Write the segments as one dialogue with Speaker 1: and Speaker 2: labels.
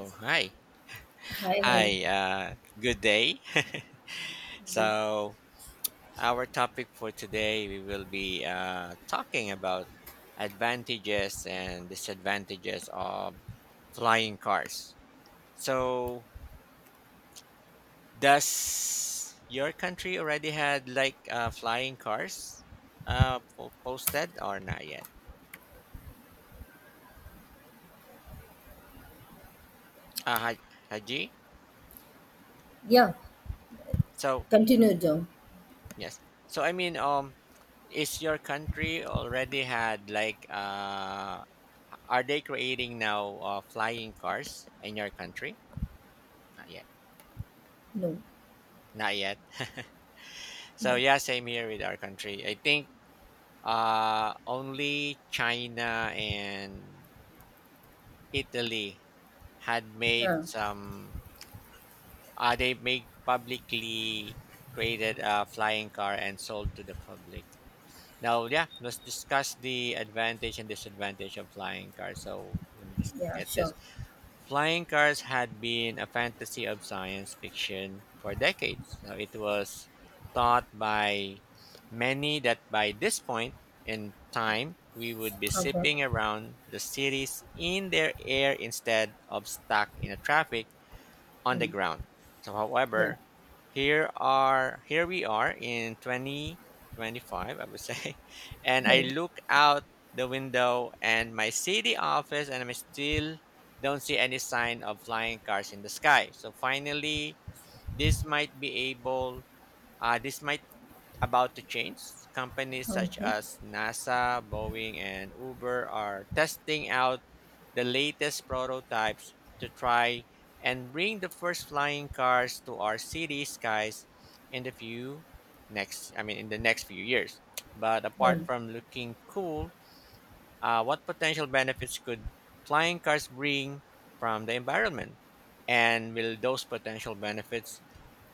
Speaker 1: Oh, hi.
Speaker 2: Hi, hello.
Speaker 1: Hi. Good day. so, our topic for today, we will be talking about advantages and disadvantages of flying cars. So, does your country already had like flying cars posted or not yet? Haji?
Speaker 2: Yeah,
Speaker 1: So,
Speaker 2: continue, John.
Speaker 1: yes. So, is your country already had like Are they creating now flying cars in your country? Not yet.
Speaker 2: No,
Speaker 1: Not yet. So
Speaker 2: no,
Speaker 1: yeah, same here with our country. I think only China and Italy had made
Speaker 2: no.
Speaker 1: some. They made publicly created a flying car and sold to the public. Now, yeah, let's discuss the advantage and disadvantage of flying cars. So let me just
Speaker 2: Yeah,
Speaker 1: get this.
Speaker 2: sure.
Speaker 1: Flying cars had been a fantasy of science fiction for decades. So it was thought by many that by this point in time, we would be
Speaker 2: Okay.
Speaker 1: zipping around the cities in their air instead of stuck in a traffic on the
Speaker 2: Hmm.
Speaker 1: ground. So,
Speaker 2: Yeah.
Speaker 1: however, here we are in 2025, I would say, and I
Speaker 2: Hmm.
Speaker 1: look out the window and my city office, and I still don't see any sign of flying cars in the sky. So finally, this might be able. This might about to change. Companies such
Speaker 2: Okay.
Speaker 1: as NASA, Boeing, and Uber are testing out the latest prototypes to try and bring the first flying cars to our city skies in the few next I mean in the next few years. But apart
Speaker 2: Hmm.
Speaker 1: from looking cool, what potential benefits could flying cars bring from the environment? And will those potential benefits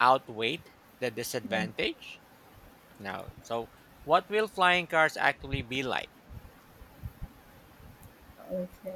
Speaker 1: outweigh the
Speaker 2: Hmm.
Speaker 1: disadvantage? No. So, what will flying cars actually be like?
Speaker 2: Okay.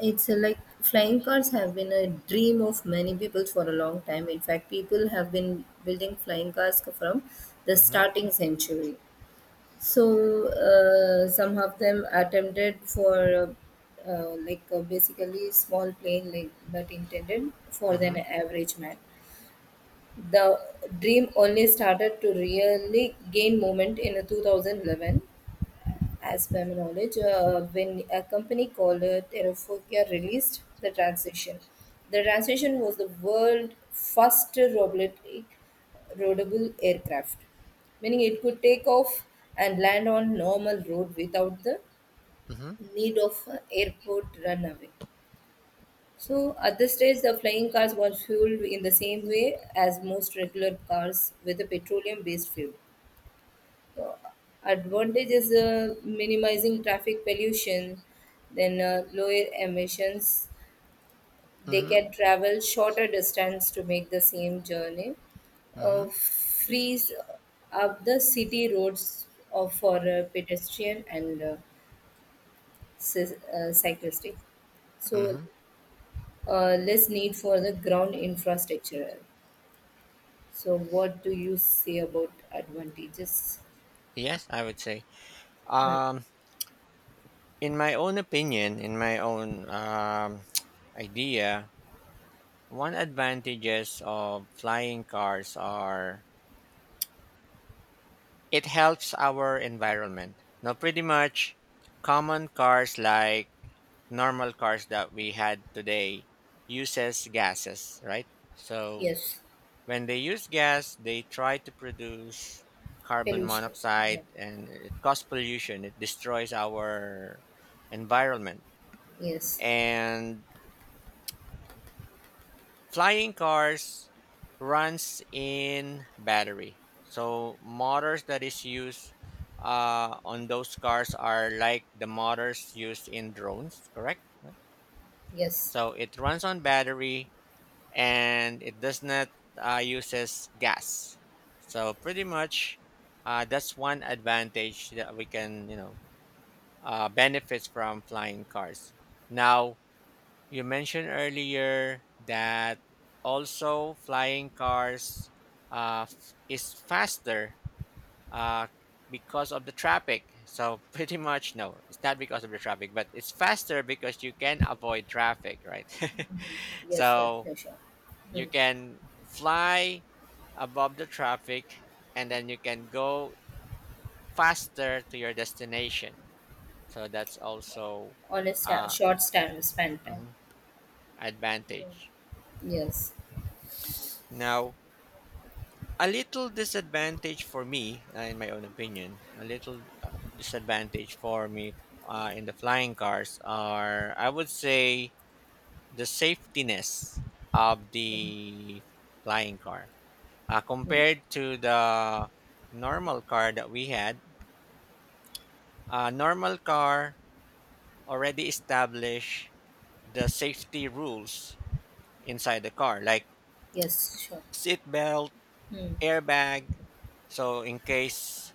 Speaker 2: It's Like, flying cars have been a dream of many people for a long time. In fact, people have been building flying cars from the
Speaker 1: Mm-hmm.
Speaker 2: starting century. So, some of them attempted for like basically small plane like but intended for an
Speaker 1: Mm-hmm.
Speaker 2: average man. The dream only started to really gain moment in 2011, as per my knowledge, when a company called Terrafokia released the transition. The transition was the world first robotic roadable aircraft, meaning it could take off and land on normal road without the
Speaker 1: Mm-hmm.
Speaker 2: need of airport runway. So at this stage, the flying cars were fueled in the same way as most regular cars with a petroleum-based fuel. Uh, Advantage is minimizing traffic pollution, then lower emissions. They
Speaker 1: Mm-hmm.
Speaker 2: can travel shorter distance to make the same journey.
Speaker 1: Mm-hmm.
Speaker 2: Frees up the city roads for pedestrian and cyclistic. So
Speaker 1: Mm-hmm.
Speaker 2: less need for the ground infrastructure. So, what do you say about advantages?
Speaker 1: Yes, I would say.
Speaker 2: Hmm.
Speaker 1: Um, in my own opinion, in my own idea, one advantages of flying cars are it helps our environment. Now, pretty much, common cars like normal cars that we had today uses gases, right? So
Speaker 2: Yes,
Speaker 1: when they use gas, they try to produce carbon
Speaker 2: pollution. Yeah.
Speaker 1: monoxide and it causes pollution. It destroys our environment.
Speaker 2: Yes,
Speaker 1: And flying cars runs in battery. So motors that is used on those cars are like the motors used in drones, correct? Right.
Speaker 2: yes.
Speaker 1: So it runs on battery and it does not uses gas. So pretty much, that's one advantage that we can benefits from flying cars. Now you mentioned earlier that also flying cars is faster uh, because of the traffic. So pretty much no, it's not because of the traffic, but it's faster because you can avoid traffic, right?
Speaker 2: Yes, yes,
Speaker 1: So
Speaker 2: for sure. Hmm.
Speaker 1: you can fly above the traffic and then you can go faster to your destination. So that's also
Speaker 2: On a
Speaker 1: uh
Speaker 2: short stand, span time.
Speaker 1: mhm, advantage.
Speaker 2: Yes.
Speaker 1: Now, a little disadvantage for me, in my own opinion, a little disadvantage for me in the flying cars are, I would say, the safetiness of
Speaker 2: Hmm.
Speaker 1: the flying car
Speaker 2: Hmm.
Speaker 1: compared to the normal car that we had. A normal car already establish the safety rules inside the car like
Speaker 2: Yes, sure.
Speaker 1: seat belt,
Speaker 2: Hmm.
Speaker 1: airbag, so in case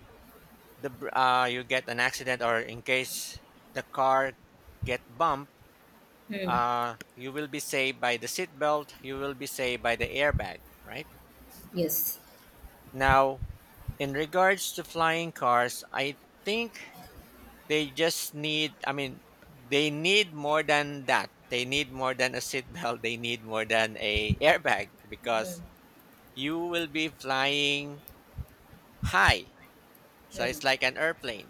Speaker 1: you get an accident or in case the car get bumped,
Speaker 2: Hmm.
Speaker 1: you will be saved by the seat belt, you will be saved by the airbag, right?
Speaker 2: Yes.
Speaker 1: Now in regards to flying cars I think They just need, I mean, they need more than that. They need more than a seatbelt. They need more than a airbag
Speaker 2: Hmm.
Speaker 1: because you will be flying high. So
Speaker 2: Hmm.
Speaker 1: it's like an airplane.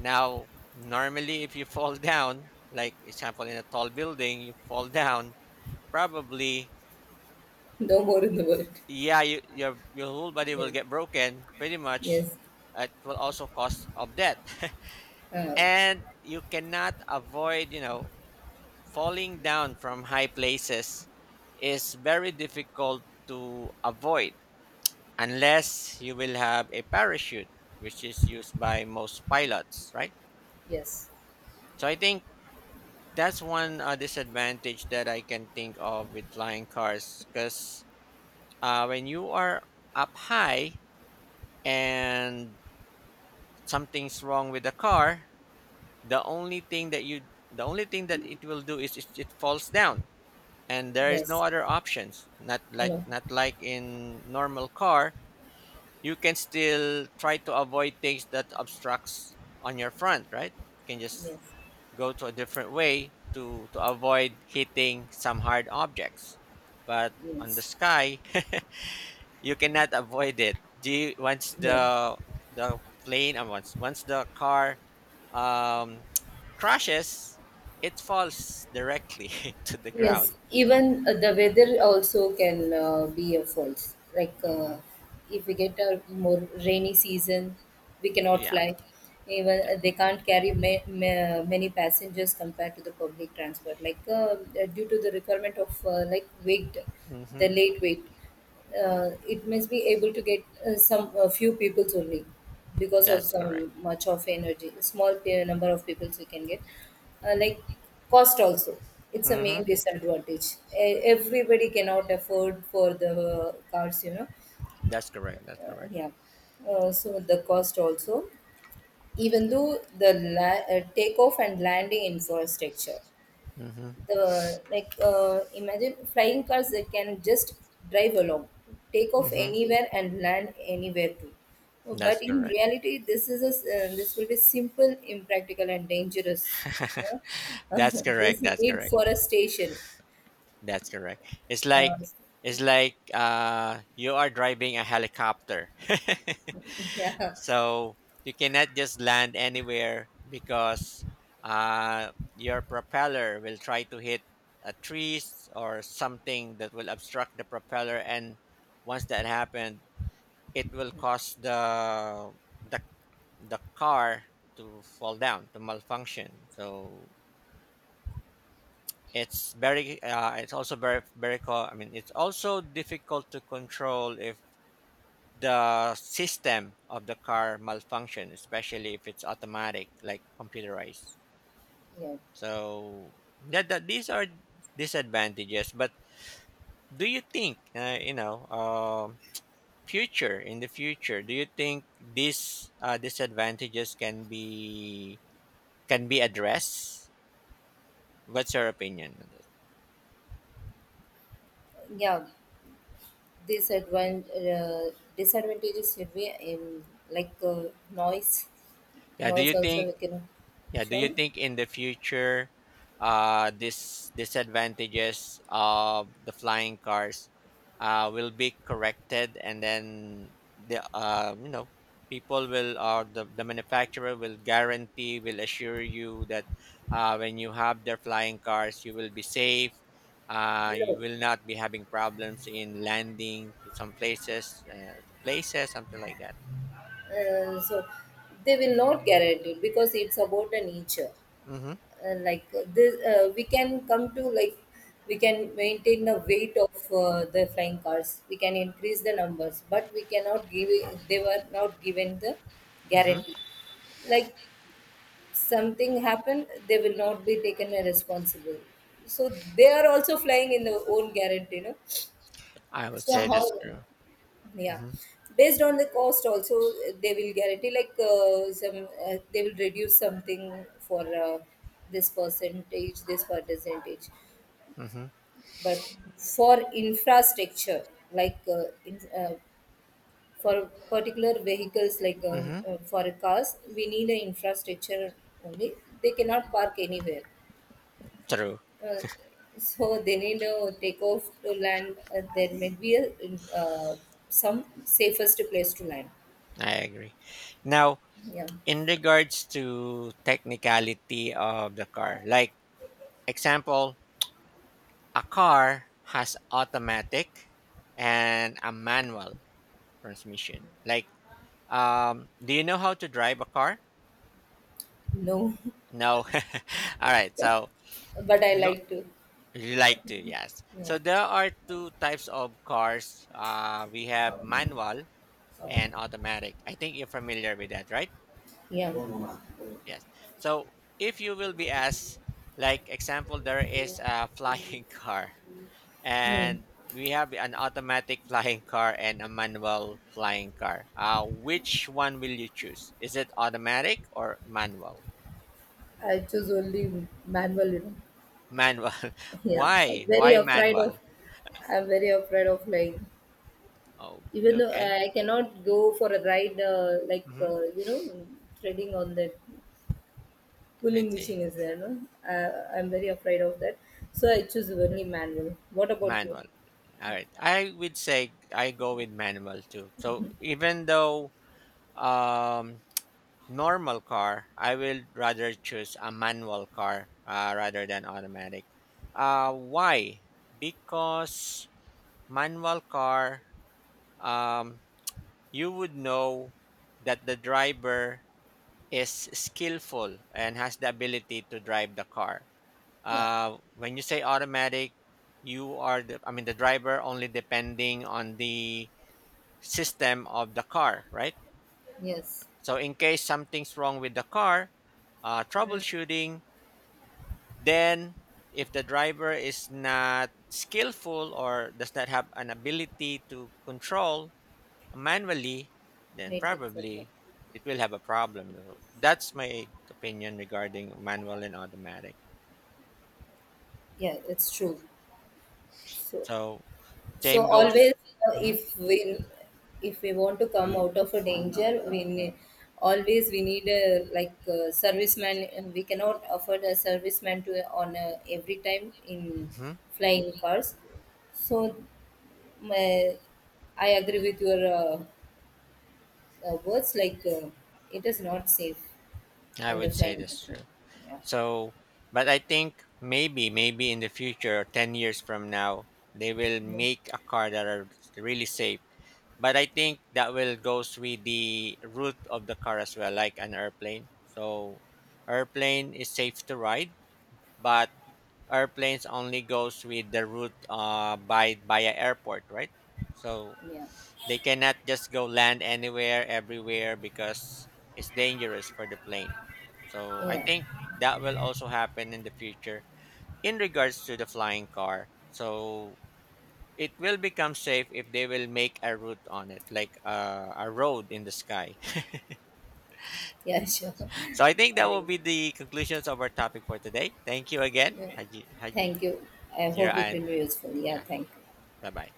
Speaker 1: Now, normally if you fall down, like example in a tall building, you fall down, probably
Speaker 2: No more in the world.
Speaker 1: yeah, your whole body will
Speaker 2: Yes.
Speaker 1: get broken pretty much.
Speaker 2: Yes.
Speaker 1: It will also cause of death.
Speaker 2: Uh,
Speaker 1: And you cannot avoid. Falling down from high places is very difficult to avoid unless you will have a parachute, which is used by most pilots, right?
Speaker 2: yes.
Speaker 1: So I think that's one disadvantage that I can think of with flying cars because when you are up high and something's wrong with the car, the only thing that you the only thing that it will do is it falls down and there is no
Speaker 2: Yes.
Speaker 1: other options,
Speaker 2: No.
Speaker 1: not like in normal car. You can still try to avoid things that obstructs on your front, right? You can just
Speaker 2: Yes.
Speaker 1: go to a different way to avoid hitting some hard objects, but on the
Speaker 2: Yes.
Speaker 1: sky you cannot avoid it, do you, once
Speaker 2: Yes.
Speaker 1: the the plane and once the car um, crashes it falls directly to the
Speaker 2: Yes,
Speaker 1: ground.
Speaker 2: even the weather also can be a fault. Like,
Speaker 1: Hmm.
Speaker 2: if we get a more rainy season, we cannot
Speaker 1: Yeah.
Speaker 2: fly. Even they can't carry many passengers compared to the public transport. Like, due to the requirement of like weight,
Speaker 1: Mm-hmm.
Speaker 2: the late weight, it must be able to get some a few peoples only because of
Speaker 1: That's correct.
Speaker 2: some much of energy small number of peoples we can get. Like, cost also, it's a
Speaker 1: Mm-hmm.
Speaker 2: main disadvantage. E- everybody cannot afford for the cars, you know
Speaker 1: That's correct. That's
Speaker 2: uh,
Speaker 1: correct.
Speaker 2: Yeah. So the cost also, even though the takeoff and landing infrastructure,
Speaker 1: Mm-hmm.
Speaker 2: the like, imagine flying cars that can just drive along, take off
Speaker 1: Mm-hmm.
Speaker 2: anywhere and land anywhere too. But
Speaker 1: That's
Speaker 2: in
Speaker 1: correct.
Speaker 2: reality, this is a this will be simple, impractical and dangerous, yeah?
Speaker 1: That's
Speaker 2: This
Speaker 1: correct. That's
Speaker 2: need
Speaker 1: correct.
Speaker 2: for a station.
Speaker 1: That's correct. It's like
Speaker 2: uh,
Speaker 1: it's like you are driving a helicopter.
Speaker 2: yeah.
Speaker 1: So you cannot just land anywhere because uh your propeller will try to hit a trees or something that will obstruct the propeller, and once that happened it will cause the the car to fall down, to malfunction. So it's very it's also very it's also difficult to control if the system of the car malfunction, especially if it's automatic, like computerized.
Speaker 2: yeah
Speaker 1: So that these are disadvantages, but do you think you know future in the future do you think these disadvantages can be addressed? What's your opinion on that?
Speaker 2: yeah This disadvantages should be in, like, noise.
Speaker 1: Yeah, do
Speaker 2: Noise
Speaker 1: you
Speaker 2: also
Speaker 1: think
Speaker 2: we can,
Speaker 1: yeah, do you
Speaker 2: sure.
Speaker 1: think in the future this disadvantages of the flying cars will be corrected, and then the you know people will, or the manufacturer will guarantee, will assure you that when you have their flying cars you will be safe, you
Speaker 2: No.
Speaker 1: will not be having problems in landing to some places, to places something like that.
Speaker 2: So they will not guarantee it because it's about the nature.
Speaker 1: Mm-hmm.
Speaker 2: Like, this we can come to like, we can maintain the weight of the flying cars, we can increase the numbers but we cannot give it, they were not given the
Speaker 1: Mm-hmm.
Speaker 2: guarantee. Like, something happened, they will not be taken responsible. So they are also flying in their own guarantee, you.
Speaker 1: I would
Speaker 2: So
Speaker 1: say
Speaker 2: how?
Speaker 1: that's true.
Speaker 2: Yeah.
Speaker 1: Mhm,
Speaker 2: Based on the cost also, they will guarantee like, some they will reduce something for, this percentage, this percentage.
Speaker 1: mhm,
Speaker 2: But for infrastructure, like, for particular vehicles like,
Speaker 1: mhm.
Speaker 2: for cars we need an infrastructure only. They cannot park anywhere.
Speaker 1: True.
Speaker 2: uh, so they need to take off to land, there may be a, uh, some safest place to land.
Speaker 1: I agree. Now,
Speaker 2: Yeah.
Speaker 1: in regards to technicality of the car, like example, a car has automatic and a manual transmission. Like, do you know how to drive a car?
Speaker 2: No.
Speaker 1: No. All right. So,
Speaker 2: But I
Speaker 1: no,
Speaker 2: like to.
Speaker 1: you like to, yes.
Speaker 2: No.
Speaker 1: So there are two types of cars. We have manual and automatic. I think you're familiar with that, right?
Speaker 2: Yeah.
Speaker 1: Yes. So if you will be asked, like example, there is a flying car,
Speaker 2: Hmm.
Speaker 1: and we have an automatic flying car and a manual flying car. Which one will you choose? Is it automatic or manual?
Speaker 2: I choose only manual, you know.
Speaker 1: Manual.
Speaker 2: Yeah.
Speaker 1: Why? Why manual?
Speaker 2: I'm very afraid of, like,
Speaker 1: Oh,
Speaker 2: even though
Speaker 1: okay.
Speaker 2: I cannot go for a ride, like,
Speaker 1: Mm-hmm.
Speaker 2: you know, treading on that
Speaker 1: I
Speaker 2: pulling
Speaker 1: see.
Speaker 2: machine is there, no? I'm very afraid of that. So I choose only manual. What about you?
Speaker 1: Manual. All right. I would say I go with manual too. So even though um normal car, I will rather choose a manual car rather than automatic. Why? Because manual car, um, you would know that the driver is skillful and has the ability to drive the car.
Speaker 2: Yeah.
Speaker 1: When you say automatic, you are the, I mean, the driver only depending on the system of the car, right?
Speaker 2: Yes.
Speaker 1: So in case something's wrong with the car,
Speaker 2: Mm.
Speaker 1: troubleshooting. Then, if the driver is not skillful or does not have an ability to control manually, then
Speaker 2: Right, exactly. Yeah.
Speaker 1: probably it will have a problem. So that's my opinion regarding manual and automatic.
Speaker 2: Yeah, it's true. So,
Speaker 1: So,
Speaker 2: so
Speaker 1: same goes.
Speaker 2: always,
Speaker 1: Mhm,
Speaker 2: if we, if we want to come out of a danger, we always we need a, like, a serviceman. We cannot afford a serviceman to on a, every time in
Speaker 1: mhm.
Speaker 2: flying cars. So my, I agree with your words. Like, it is not safe
Speaker 1: I
Speaker 2: on the
Speaker 1: would say
Speaker 2: flying
Speaker 1: that's
Speaker 2: platform.
Speaker 1: true.
Speaker 2: Yeah,
Speaker 1: So, but I think maybe, maybe in the future, 10 years from now, they will
Speaker 2: yeah,
Speaker 1: make a car that are really safe. But I think that will goes with the route of the car as well, like an airplane. So airplane is safe to ride, but airplanes only goes with the route by a airport, right? So
Speaker 2: yeah,
Speaker 1: they cannot just go land anywhere, everywhere because it's dangerous for the plane. So I
Speaker 2: yeah.
Speaker 1: think that will also happen in the future in regards to the flying car. So it will become safe if they will make a route on it, like a road in the sky.
Speaker 2: Yeah. Sure.
Speaker 1: So I think that
Speaker 2: I
Speaker 1: will
Speaker 2: mean,
Speaker 1: be the conclusions of our topic for today. Thank you again,
Speaker 2: yeah.
Speaker 1: Haji,
Speaker 2: Thank you. I
Speaker 1: Jira,
Speaker 2: hope it will
Speaker 1: and
Speaker 2: be useful. Yeah,
Speaker 1: yeah,
Speaker 2: thank you.
Speaker 1: bye bye.